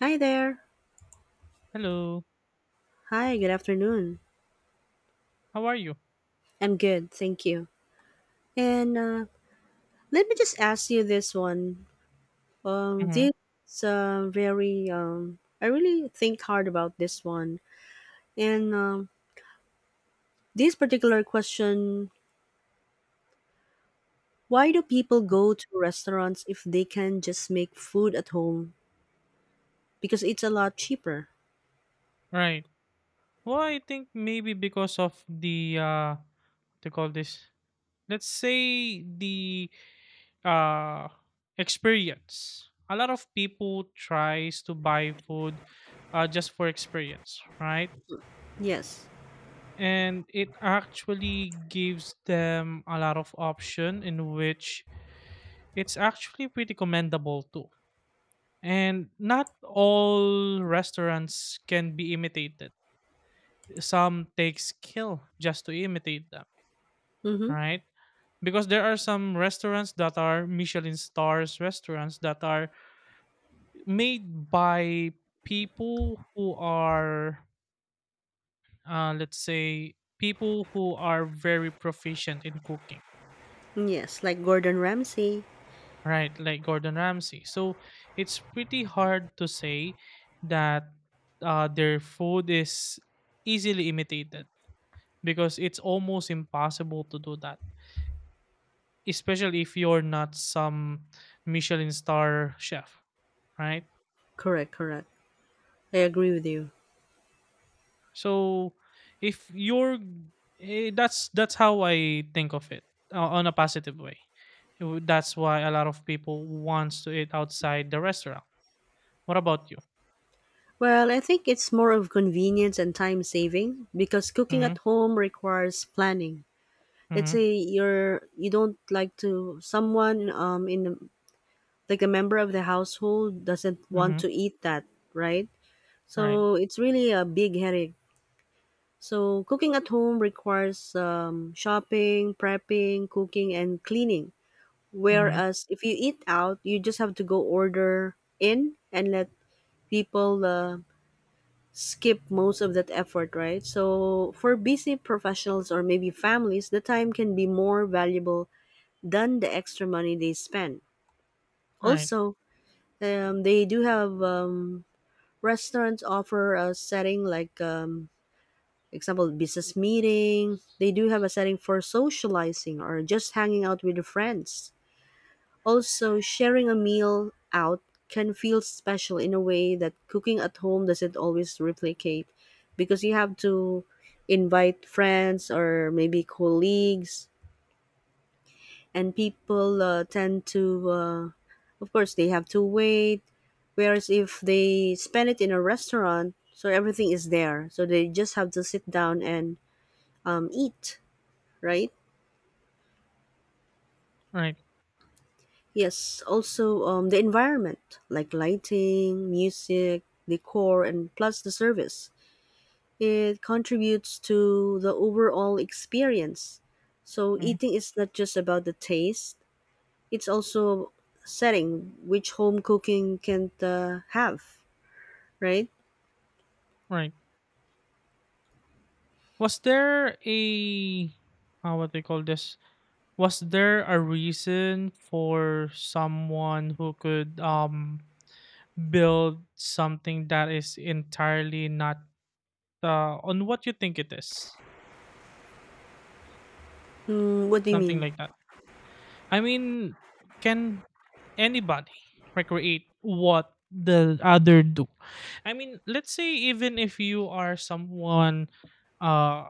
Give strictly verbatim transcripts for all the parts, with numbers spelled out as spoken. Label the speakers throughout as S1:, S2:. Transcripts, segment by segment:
S1: Hi there.
S2: Hello.
S1: Hi, good afternoon.
S2: How are you?
S1: I'm good, thank you. And uh, let me just ask you this one. Um,
S2: Mm-hmm.
S1: this uh, very um, I really think hard about this one. And um, this particular question: Why do people go to restaurants if they can just make food at home? Because it's a lot cheaper.
S2: Right. Well, I think maybe because of the uh what to call this. Let's say the uh experience. A lot of people tries to buy food uh just for experience, right?
S1: Yes.
S2: And it actually gives them a lot of option in which it's actually pretty commendable too. And not all restaurants can be imitated. Some take skill just to imitate them,
S1: Mm-hmm.
S2: right? Because there are some restaurants that are Michelin stars restaurants that are made by people who are, uh, let's say, people who are very proficient in cooking,
S1: Yes, like Gordon Ramsay.
S2: right? Like Gordon Ramsay. So it's pretty hard to say that uh, their food is easily imitated because it's almost impossible to do that, especially if you're not some Michelin star chef, right?
S1: Correct, correct. I agree with you.
S2: So if you're eh, that's that's how I think of it, uh, on a positive way. It would- That's why a lot of people wants to eat outside the restaurant. What about you?
S1: Well, I think it's more of convenience and time saving, because cooking at
S2: Mhm.
S1: home requires planning. Let's
S2: Mhm.
S1: say you're you don't like to someone, um in the, like a member of the household doesn't want
S2: Mhm.
S1: to eat that, right?
S2: Right.
S1: So it's really a big headache. So cooking at home requires um, shopping, prepping, cooking, and cleaning.
S2: Mhm.
S1: Whereas if you eat out, you just have to go order in and let people uh, skip most of that effort, right? So for busy professionals or maybe families, the time can be more valuable than the extra money they spend.
S2: Right.
S1: Also, um, they do have, um, restaurants offer a setting like, um, example, business meeting. They do have a setting for socializing or just hanging out with your friends. Also, sharing a meal out can feel special in a way that cooking at home doesn't always replicate, because you have to invite friends or maybe colleagues, and people uh, tend to, uh, of course, they have to wait. Whereas if they spend it in a restaurant, so everything is there. So they just have to sit down and um, eat, right?
S2: Right.
S1: Yes, also, um, the environment, like lighting, music, decor, and plus the service. It contributes to the overall experience. So
S2: Mhm.
S1: eating is not just about the taste, it's also setting, which home cooking can't uh, have, right?
S2: Right. Was there a uh, what they call this? Was there a reason for someone who could um build something that is entirely not uh, on what you think it is?
S1: Mm, what do you
S2: Something
S1: mean?
S2: like that. I mean, can anybody recreate what the other do? I mean, let's say, even if you are someone, uh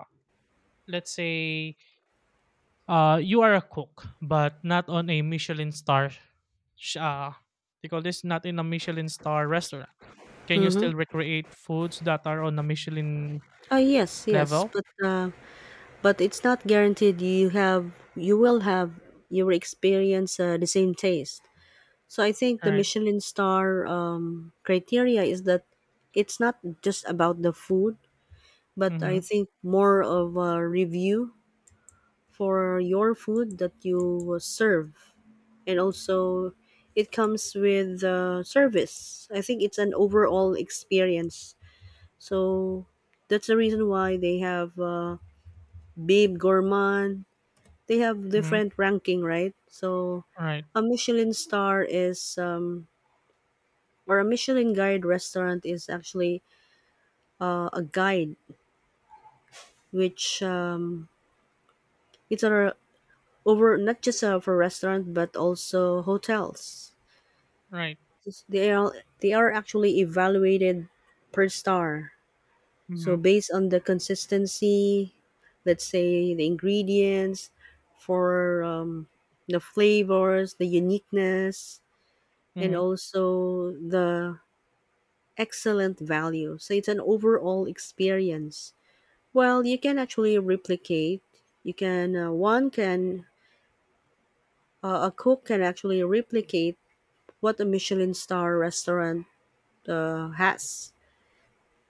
S2: let's say, uh you are a cook but not on a Michelin star, sh- uh they call this, not in a Michelin star restaurant, can you
S1: Mm-hmm.
S2: still recreate foods that are on a Michelin
S1: Oh yes, yes,
S2: level?
S1: but, uh, but it's not guaranteed, you have you will have you will experience uh, the same taste. So I think the
S2: Right.
S1: Michelin star um, criteria is that it's not just about the food, but I
S2: Mhm.
S1: think more of a review for your food that you serve, and also it comes with uh, service. I think it's an overall experience. So that's the reason why they have, uh, Babe Gourmand. They have
S2: Mhm.
S1: different ranking, right? So
S2: Right.
S1: a Michelin star is, um, or a Michelin guide restaurant is actually uh, a guide, which, um, it's a, over not just, uh, for restaurant but also hotels.
S2: Right.
S1: They are they are actually evaluated per star. So
S2: Mhm.
S1: based on the consistency, let's say the ingredients, for, um, the flavors, the uniqueness, and
S2: Mhm.
S1: also the excellent value. So it's an overall experience. Well, you can actually replicate. You can uh, one can uh, A cook can actually replicate what a Michelin star restaurant uh, has,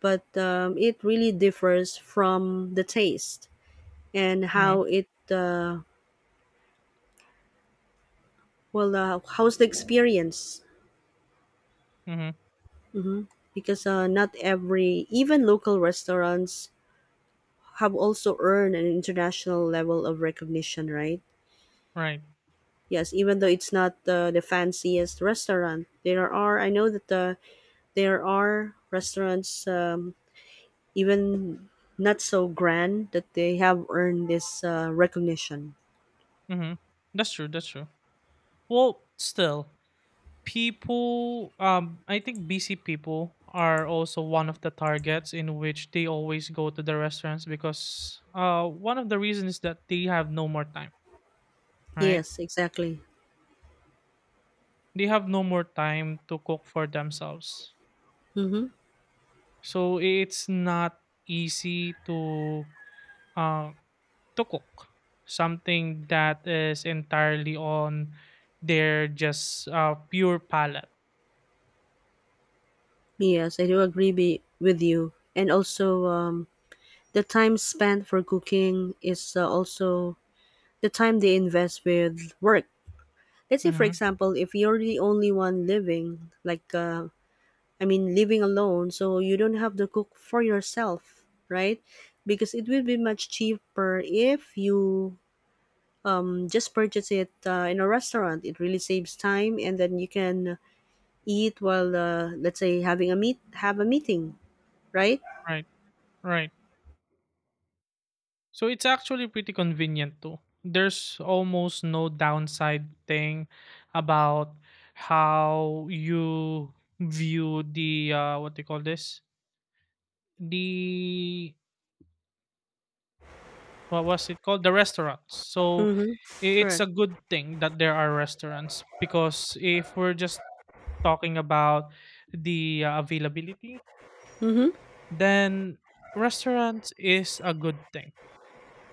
S1: but, um, it really differs from the taste, and
S2: Mhm.
S1: how it uh, well uh, how's the experience.
S2: Mhm.
S1: hmm Because, uh, not every even local restaurants have also earned an international level of recognition, right?
S2: Right.
S1: Yes, even though it's not the, the fanciest restaurant, there are, I know that the, there are restaurants, um, even not so grand, that they have earned this uh, recognition.
S2: Mhm. That's true. That's true. Well, still, people. Um, I think busy people are also one of the targets in which they always go to the restaurants because, uh, one of the reasons is that they have no more time. Right.
S1: Yes, exactly.
S2: They have no more time to cook for themselves.
S1: Mm-hmm.
S2: So it's not easy to. Um, to cook something that is entirely on their just, uh, pure palate.
S1: Yes, I do agree be, with you. And also, um, the time spent for cooking is uh, also the time they invest with work. Let's say, for
S2: Hmm.
S1: example, if you're the only one living, like, uh, I mean, living alone, so you don't have to cook for yourself, right? Because it will be much cheaper if you, um, just purchase it, uh, in a restaurant. It really saves time, and then you can eat while, uh, let's say, having a meet, have a meeting, right?
S2: Right, right. So it's actually pretty convenient too. There's almost no downside thing about how you view the, uh, what do you call this, the what was it called, the restaurants. So
S1: Mm-hmm.
S2: i- it's
S1: Correct.
S2: a good thing that there are restaurants because if we're just talking about the, uh, availability,
S1: Mm-hmm.
S2: then restaurants is a good thing,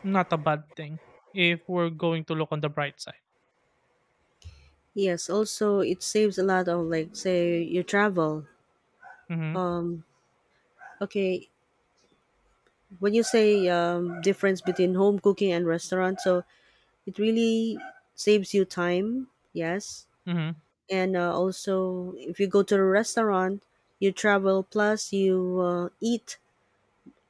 S2: not a bad thing, if we're going to look on the bright side.
S1: Yes. Also, it saves a lot of, like, say you travel.
S2: Mm-hmm.
S1: Um. Okay. When you say, um, difference between home cooking and restaurant, so it really saves you time. Yes.
S2: Mm-hmm.
S1: and uh, also, if you go to a restaurant, you travel plus you uh, eat.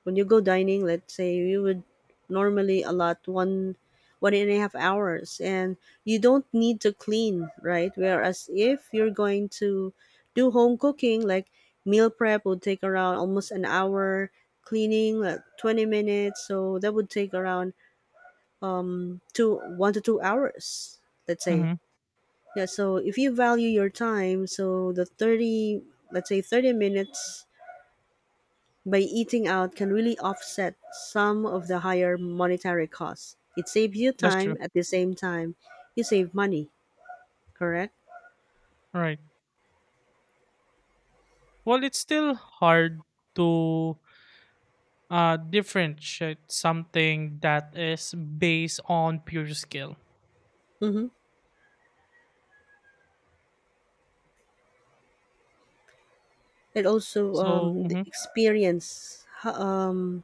S1: When you go dining, let's say you would normally allot one one and a half hours, and you don't need to clean, right? Whereas if you're going to do home cooking, like, meal prep would take around almost an hour, cleaning like twenty minutes, so that would take around two one to two hours, let's say.
S2: Mm-hmm.
S1: Yeah, so if you value your time, so the thirty, let's say, thirty minutes by eating out can really offset some of the higher monetary costs. It saves you
S2: That's true.
S1: time, at the same time you save money, correct?
S2: Right. Well, it's still hard to uh differentiate something that is based on pure skill.
S1: Mm-hmm. And also,
S2: So,
S1: um, the
S2: mm-hmm.
S1: experience. ho- Um,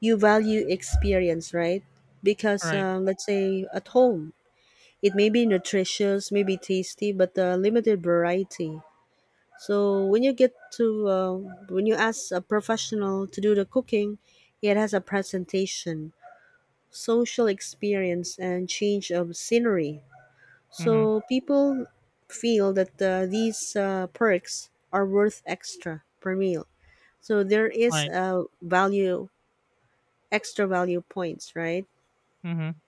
S1: You value experience, right? Because,
S2: Right.
S1: uh, let's say at home, it may be nutritious, maybe tasty, but, uh, limited variety. So when you get to uh, when you ask a professional to do the cooking, it has a presentation, social experience, and change of scenery.
S2: Mm-hmm.
S1: So people feel that uh, these uh, perks are worth extra per meal. So there is
S2: Right.
S1: a value, extra value points, right?
S2: Mhm.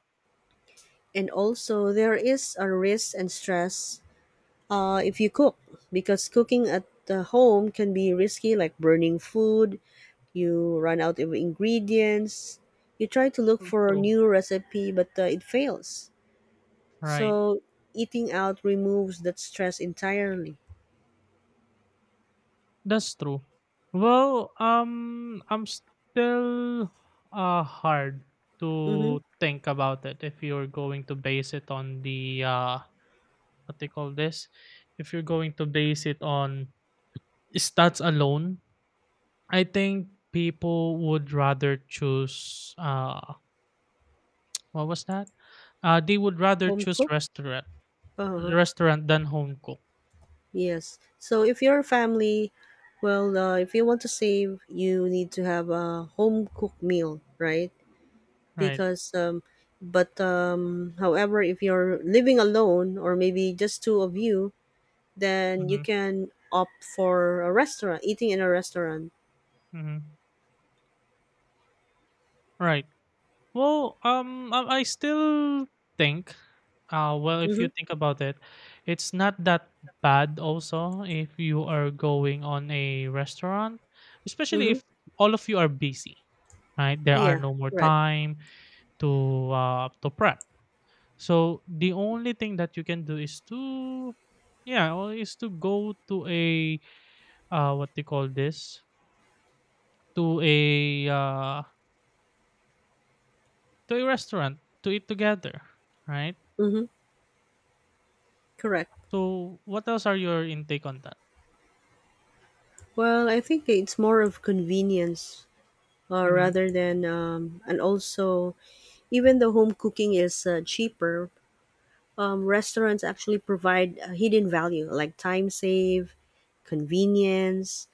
S1: And also there is a risk and stress, uh, if you cook, because cooking at the home can be risky, like burning food, you run out of ingredients, you try to look
S2: True,
S1: for a
S2: true.
S1: new recipe, but, uh, it fails.
S2: Right.
S1: So eating out removes that stress entirely.
S2: That's true. Well, um, I'm still uh hard
S1: Mm-hmm.
S2: to think about it if you're going to base it on the, uh what they call this, if you're going to base it on stats alone. I think people would rather choose, uh what was that? Uh, they would rather
S1: Home
S2: choose
S1: cook.
S2: restaurant
S1: Uh-huh.
S2: restaurant than home cook.
S1: Yes, so if your family, well, uh, if you want to save, you need to have a home cooked meal, right?
S2: Right.
S1: because um, but um, However, if you're living alone or maybe just two of you, then you
S2: Mm-hmm.
S1: can opt for a restaurant, eating in a restaurant.
S2: Mm-hmm. Right. Well, um, um, I still think, uh, well, if you
S1: Mm-hmm.
S2: think about it, it's not that bad also if you are going on a restaurant, especially
S1: Mm-hmm.
S2: if all of you are busy, right? There are
S1: Yeah.
S2: no more
S1: Correct.
S2: time to uh to prep. So the only thing that you can do is to, yeah, or is to go to a, uh what they call this, to a uh to a restaurant to eat together, right?
S1: Mm-hmm. Correct.
S2: So, what else are your intake on that?
S1: Well, I think it's more of convenience, uh,
S2: Mhm,
S1: rather than, um, and also, even the home cooking is, uh, cheaper, um, restaurants actually provide a hidden value like time save, convenience,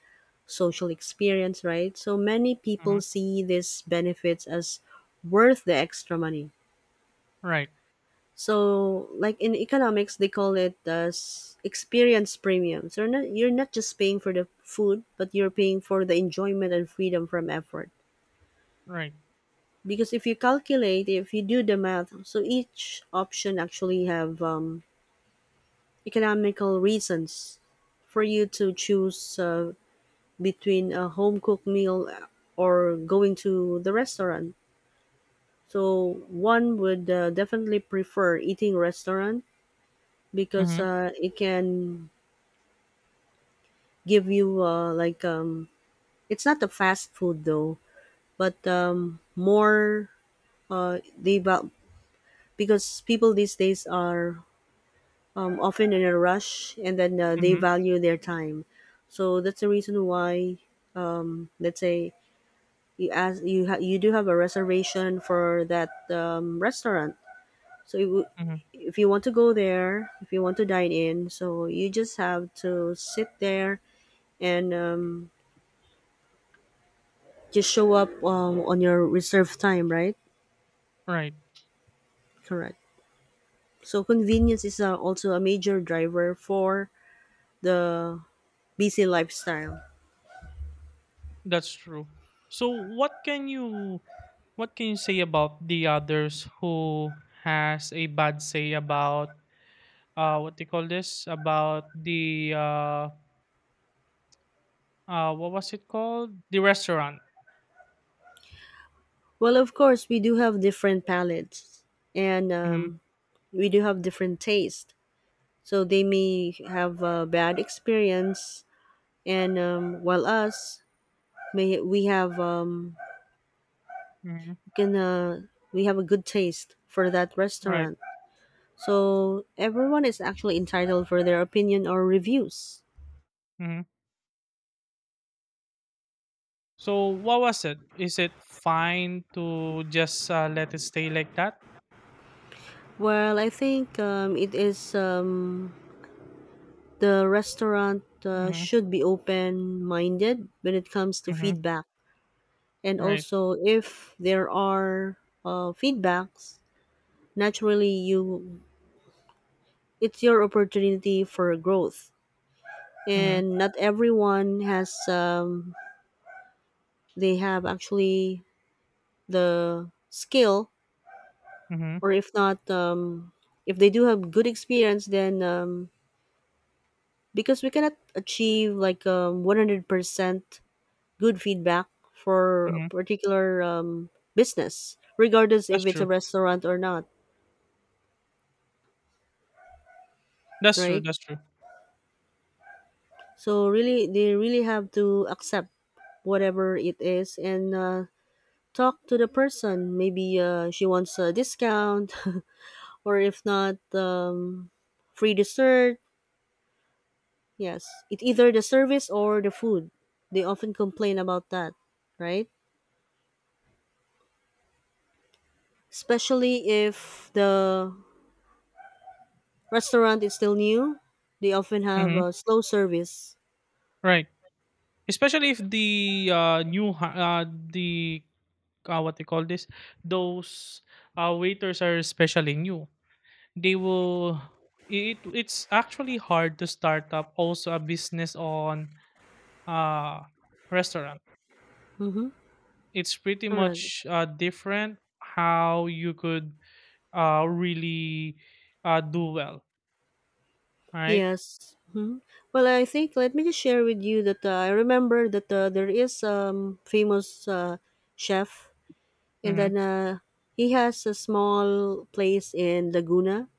S1: social experience, right? So many people
S2: mhm.
S1: see these benefits as worth the extra money.
S2: Right,
S1: So, like in economics, they call it as experience premium. So you're not, you're not just paying for the food, but you're paying for the enjoyment and freedom from effort.
S2: right.
S1: Because if you calculate, if you do the math, so each option actually have, um, economical reasons for you to choose, uh, between a home cooked meal or going to the restaurant. So one would, uh, definitely prefer eating restaurant, because,
S2: Mhm,
S1: uh, it can give you, uh, like, um, it's not the fast food though, but, um, more, uh, they val- because people these days are, um, often in a rush, and then, uh, they
S2: mhm,
S1: value their time. So that's the reason why, um, let's say, you ask you ha- you do have a reservation for that, um, restaurant. So you,
S2: mhm.
S1: if you want to go there, if you want to dine in, so you just have to sit there and, um, just show up, um, on your reserved time, right?
S2: Right.
S1: Correct. So convenience is, uh, also a major driver for the busy lifestyle.
S2: That's true. So, what can you, what can you say about the others who has a bad say about, uh what they call this, about the, uh uh what was it called, the restaurant?
S1: Well, of course, we do have different palates, and,
S2: Hmm.
S1: um, we do have different taste. So they may have a bad experience, and, um, while us may we have, um,
S2: Hmm.
S1: can, uh, we have a good taste for that
S2: Right.
S1: restaurant. So everyone is actually entitled for their opinion or reviews.
S2: Hmm. So what was it, is it fine to just, uh, let it stay like that?
S1: Well, I think, um, it is, um, the restaurant, uh,
S2: Hmm.
S1: should be open-minded when it comes to
S2: Hmm.
S1: feedback, and
S2: Right.
S1: also if there are, uh, feedbacks, naturally, you it's your opportunity for growth,
S2: Hmm.
S1: and not everyone has, um, they have actually the skill,
S2: Mhm,
S1: or if not, um, if they do have good experience then, um, because we cannot achieve, like, um, one hundred percent good feedback for a
S2: mhm.
S1: particular, um, business, regardless
S2: That's
S1: if it's a
S2: true.
S1: restaurant or not.
S2: That's true,
S1: Right,
S2: that's true.
S1: so really they really have to accept whatever it is, and, uh, talk to the person, maybe, uh, she wants a discount or if not, um, free dessert. Yes, it either the service or the food. They often complain about that, right? Especially if the restaurant is still new, they often have
S2: Mhm,
S1: a slow service.
S2: right. Especially if the, uh, new ha uh, the, uh, what they call this, those, uh, waiters are especially new. They will it it's actually hard to start up also a business on, uh, restaurant.
S1: Mm-hmm.
S2: It's pretty
S1: Correct.
S2: much, uh, different how you could, uh, really, uh, do well, right?
S1: Yes. hmm Well, I think let me just share with you that, uh, I remember that, uh, there is, um famous, uh, chef, and
S2: Mhm,
S1: then, uh, he has a small place in Laguna,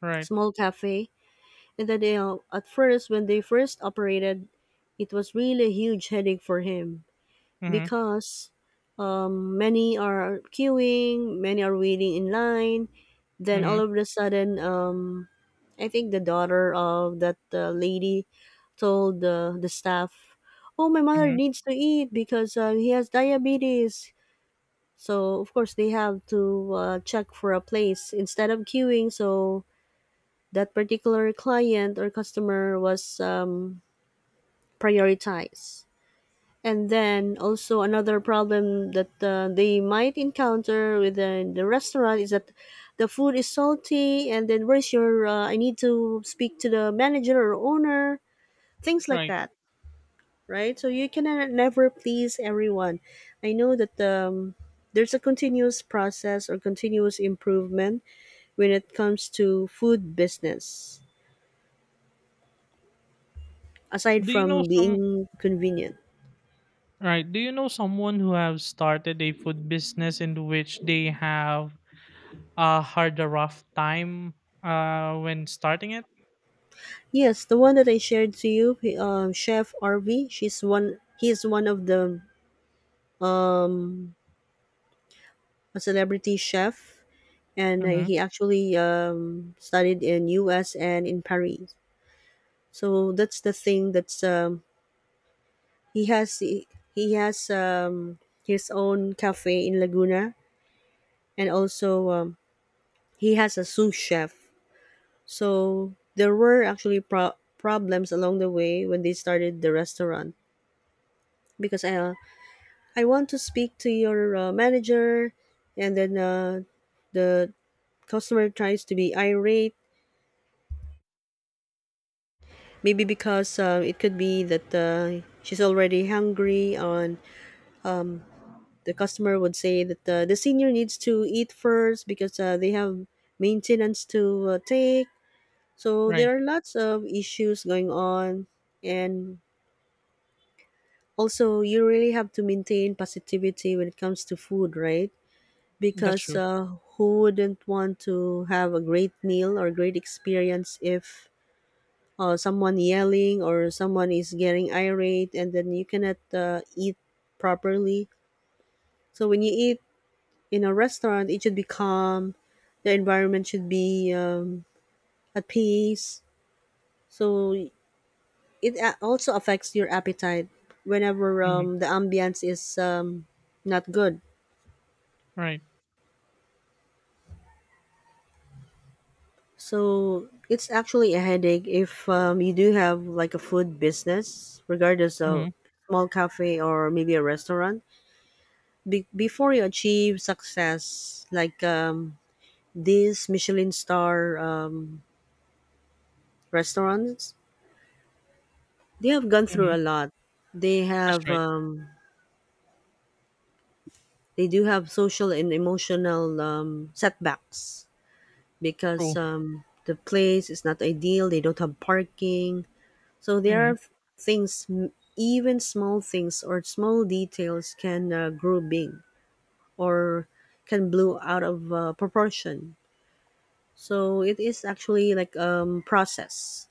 S2: right.
S1: small cafe. And then, you at first, when they first operated, it was really a huge headache for him,
S2: Mhm,
S1: because, um, many are queuing, many are waiting in line. Then all
S2: mhm,
S1: of a sudden, um, I think the daughter of that, uh, lady told, uh, the staff, "Oh, my mother
S2: mhm,
S1: needs to eat because, uh, he has diabetes." So of course they have to, uh, check for a place instead of queuing. So that particular client or customer was, um, prioritized. And then also another problem that, uh, they might encounter within the restaurant is that the food is salty, and then where's your? Uh, I need to speak to the manager or owner, things like
S2: right.
S1: that, right? So you can ne- never please everyone. I know that um, there's a continuous process or continuous improvement when it comes to food business aside
S2: Do you know
S1: from
S2: some
S1: being convenient.
S2: Right? Do you know someone who have started a food business in which they have uh had a rough time uh when starting it?
S1: Yes, the one that I shared to you, he- um, Chef Rv, She's one. He is one of the um, a celebrity chef, and uh,
S2: Mm-hmm.
S1: he actually um, studied in U S and in Paris. So that's the thing. That's um, he has. He, he has um, His own cafe in Laguna, and also um, he has a sous chef. So there were actually pro- problems along the way when they started the restaurant because I uh, I want to speak to your uh, manager, and then uh, the customer tries to be irate. Maybe because uh, it could be that uh, she's already hungry, and the customer would say that uh, the senior needs to eat first because uh, they have maintenance to uh, take. So
S2: Right.
S1: there are lots of issues going on, and also you really have to maintain positivity when it comes to food, right?
S2: That's
S1: Because
S2: true.
S1: uh, who wouldn't want to have a great meal or great experience if uh, someone yelling or someone is getting irate and then you cannot uh, eat properly. So when you eat in a restaurant it should be calm, the environment should be um, at peace, so it a- also affects your appetite whenever
S2: Mm-hmm.
S1: um, the ambience is um, not good.
S2: Right.
S1: So it's actually a headache if um, you do have like a food business, regardless of
S2: Mm-hmm.
S1: small cafe or maybe a restaurant. Be- before you achieve success, like um, these Michelin star um, restaurants, they have gone
S2: Mm-hmm.
S1: through a lot. They
S2: That's
S1: have
S2: right.
S1: um, they do have social and emotional um, setbacks because
S2: True.
S1: um, the place is not ideal. They don't have parking. So there
S2: Mm-hmm.
S1: are things, m- even small things or small details can uh, grow big or can blow out of uh, proportion. So it is actually like um, process.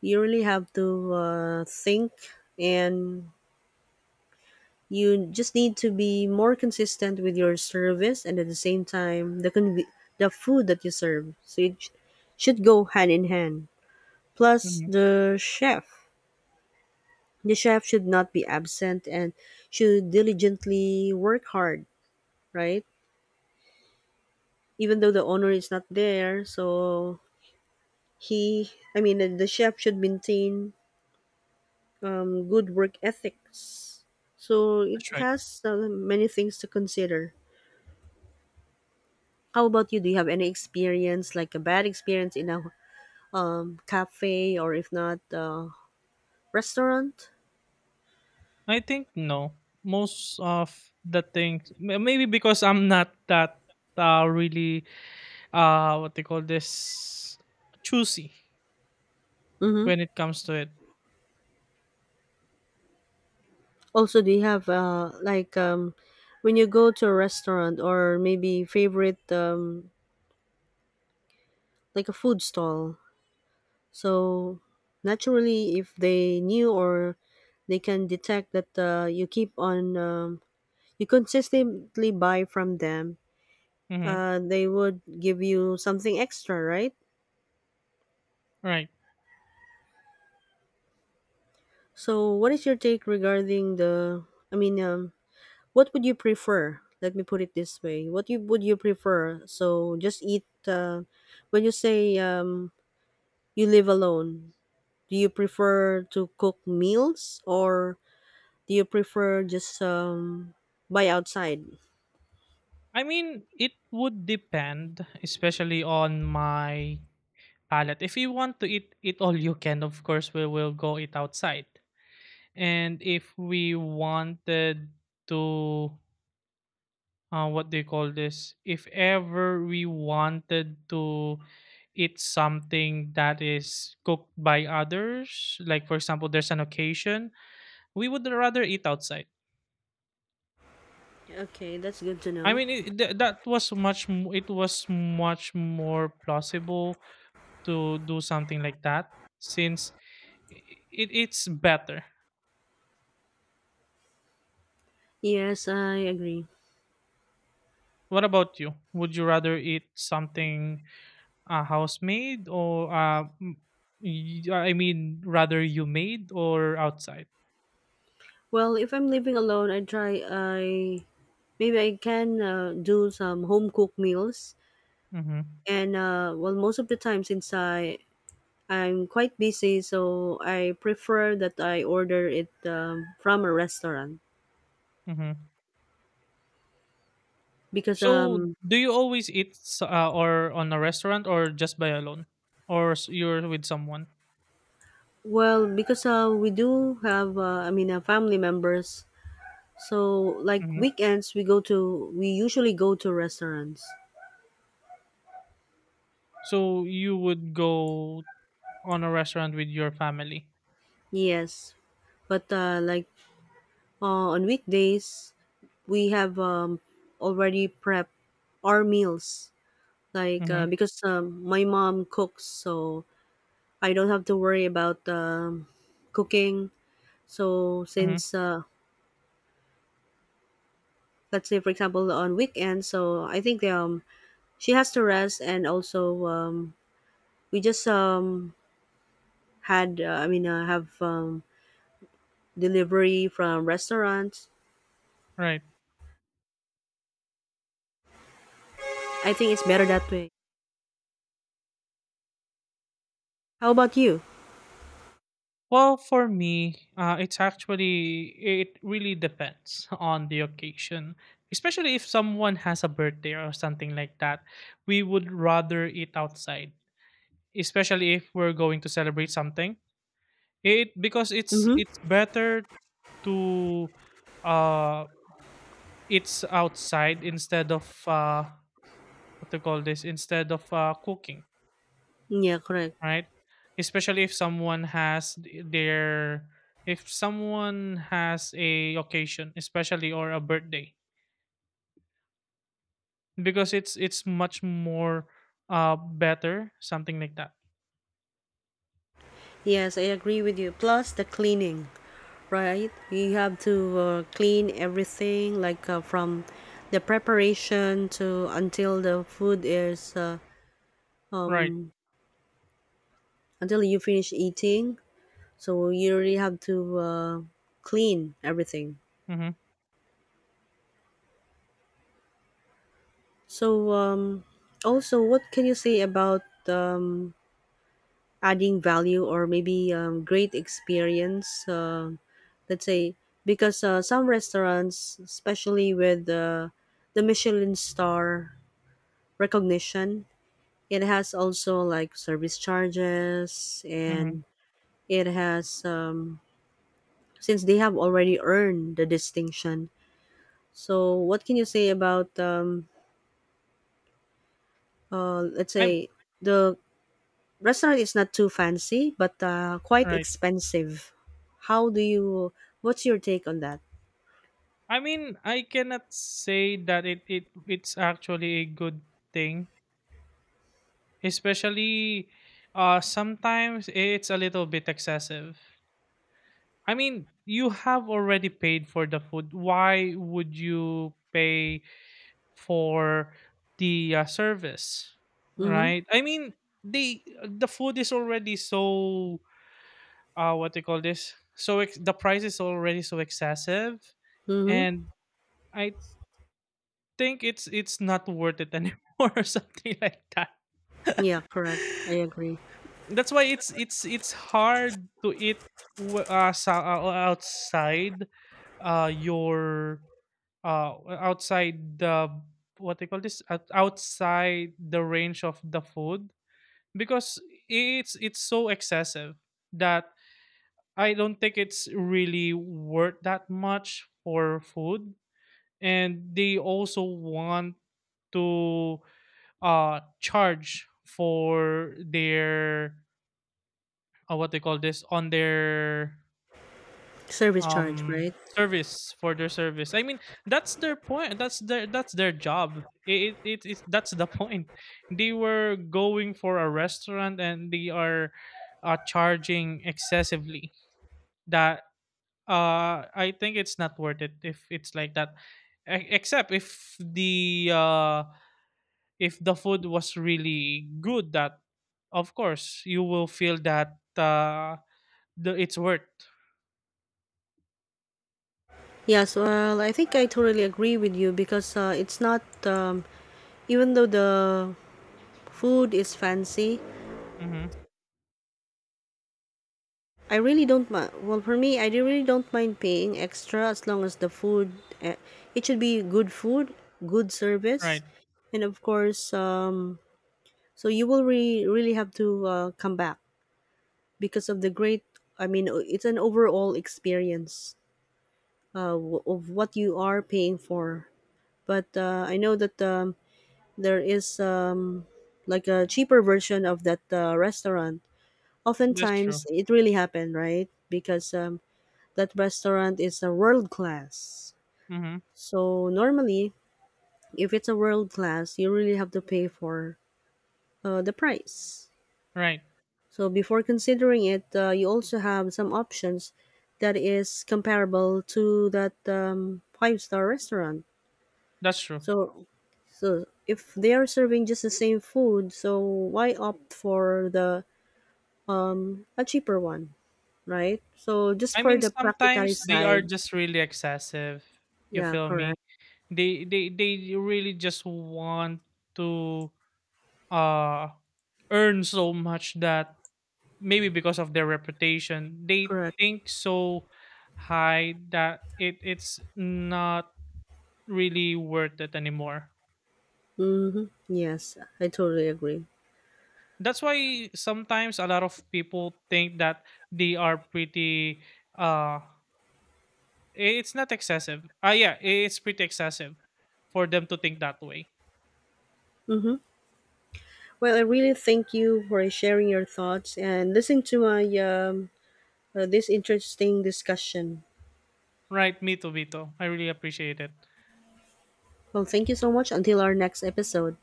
S1: You really have to uh, think, and you just need to be more consistent with your service and at the same time the conv- the food that you serve. So it sh- should go hand in hand. Plus
S2: Mm-hmm.
S1: the chef. The chef should not be absent and should diligently work hard, right? Even though the owner is not there, so he, I mean, the, the chef should maintain um, good work ethics. So it
S2: That's right.
S1: has uh, many things to consider. How about you? Do you have any experience, like a bad experience in a um, cafe or if not, uh, restaurant?
S2: I think no. Most of the things, m- maybe because I'm not that uh really, uh what they call this, choosy
S1: Mm-hmm.
S2: when it comes to it.
S1: Also, do you have uh like um when you go to a restaurant or maybe favorite um like a food stall? So naturally, if they knew or they can detect that uh, you keep on um, you consistently buy from them,
S2: Mm-hmm.
S1: uh, they would give you something extra, right?
S2: Right.
S1: So, what is your take regarding the? I mean, um, What would you prefer? Let me put it this way. What you would you prefer? So just eat. Uh, when you say um, you live alone, do you prefer to cook meals or do you prefer just um, buy outside?
S2: I mean, it would depend, especially on my palate. If you want to eat it all you can, of course, we will go eat outside. And if we wanted to, uh, what do you call this? If ever we wanted to eat something that is cooked by others, like for example, there's an occasion, we would rather eat outside.
S1: Okay, that's good to
S2: I
S1: know.
S2: mean, it, th- that was much. m- It was much more plausible to do something like that since it, it's better.
S1: Yes, I agree.
S2: What about you? Would you rather eat something, uh, house made, or uh, m- y- I mean, rather you made or outside?
S1: Well, if I'm living alone, I try. I maybe I can uh, do some home cooked meals,
S2: Mm-hmm.
S1: and uh, well, most of the time since I I'm quite busy, so I prefer that I order it um, from a restaurant
S2: Mm-hmm.
S1: because
S2: So
S1: um
S2: do you always eat s- uh, or on a restaurant or just by alone, or s- you're with someone?
S1: well because uh, we do have uh, I mean uh, family members, so like
S2: Mm-hmm.
S1: weekends we go to we usually go to restaurants.
S2: So you would go on a restaurant with your family.
S1: Yes, but uh, like uh, on weekdays we have um, already prepped our meals like
S2: Mm-hmm.
S1: uh, because um, my mom cooks, so I don't have to worry about um, cooking. So
S2: Mm-hmm.
S1: since uh, let's say for example on weekend, so I think um she has to rest and also um we just um had uh, I mean uh, have um delivery from restaurants.
S2: Right.
S1: I think it's better that way. How about you?
S2: Well, for me, uh, it's actually it really depends on the occasion. Especially if someone has a birthday or something like that, we would rather eat outside. Especially if we're going to celebrate something, it because it's
S1: Mm-hmm.
S2: it's better to, uh it's outside instead of, uh what to call this, instead of uh cooking,
S1: Yeah, correct.
S2: right? Especially if someone has th- their if someone has a occasion, especially, or a birthday, because it's it's much more uh better, something like that.
S1: Yes, I agree with you. Plus the cleaning, right? You have to uh, clean everything, like uh, from the preparation to until the food is uh,
S2: Right.
S1: until you finish eating. So you really have to uh, clean everything.
S2: Mm-hmm.
S1: So um, also what can you say about um, adding value or maybe um, great experience, uh, let's say, because uh, some restaurants, especially with uh, the Michelin star recognition, it has also like service charges,
S2: Mm-hmm.
S1: and it has um, since they have already earned the distinction, so what can you say about um, uh, let's
S2: I'm
S1: say the restaurant is not too fancy but uh, quite
S2: Right.
S1: expensive? How do you, what's your take on that?
S2: I mean, I cannot say that it, it it's actually a good thing, especially, uh sometimes it's a little bit excessive. I mean, you have already paid for the food, why would you pay for the, uh, service,
S1: Mm-hmm.
S2: right? I mean, the the food is already so, uh what they call this, so ex- the price is already so excessive,
S1: Mm-hmm.
S2: and I think it's it's not worth it anymore or something like that.
S1: Yeah, correct, I agree.
S2: That's why it's it's it's hard to eat, w- uh, so, uh outside, uh your, uh outside the what they call this, Out- outside the range of the food, because it's it's so excessive that I don't think it's really worth that much for food. And they also want to uh charge for their, uh, what they call this, on their
S1: Service charge, right?
S2: um service, for their service. I mean, that's their point, that's their that's their job. it, it, it That's the point. They were going for a restaurant and they are uh, charging excessively, that, uh I think it's not worth it if it's like that. E- except if the, uh if the food was really good, that of course you will feel that, uh the, it's worth.
S1: Yes, well, I think I totally agree with you because uh, it's not um, even though the food is fancy,
S2: Mm-hmm.
S1: I really don't mind. Well, for me, I really don't mind paying extra as long as the food, uh, it should be good food, good service,
S2: Right.
S1: and of course um, so you will re- really have to uh, come back because of the great. I mean, o- it's an overall experience uh, w- of what you are paying for. But uh, I know that um, there is um, like a cheaper version of that uh, restaurant.
S2: That's
S1: Oftentimes,
S2: true.
S1: it really happened, right? Because um, that restaurant is a world class.
S2: Mhm.
S1: So normally, if it's a world class, you really have to pay for uh, the price.
S2: Right.
S1: So before considering it, uh, you also have some options that is comparable to that um, five star restaurant.
S2: That's true.
S1: So so if they are serving just the same food, so why opt for the a cheaper one, right? So just
S2: I
S1: for
S2: mean,
S1: the practicality
S2: sometimes they are
S1: side,
S2: just really excessive. You
S1: yeah,
S2: feel
S1: correct,
S2: me? They they they really just want to uh earn so much that, maybe because of their reputation, they
S1: correct.
S2: think so high that it it's not really worth it anymore.
S1: Mm-hmm. Yes, I totally agree.
S2: That's why sometimes a lot of people think that they are pretty. uh It's not excessive. Ah, yeah, it's pretty excessive for them to think that way.
S1: Mm-hmm. Well, I really thank you for sharing your thoughts and listening to my um, uh, this interesting discussion.
S2: Right, me too, Vito. I really appreciate it.
S1: Well, thank you so much. Until our next episode.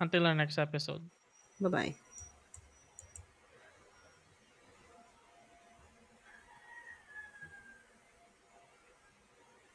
S2: Until our next episode.
S1: Bye bye.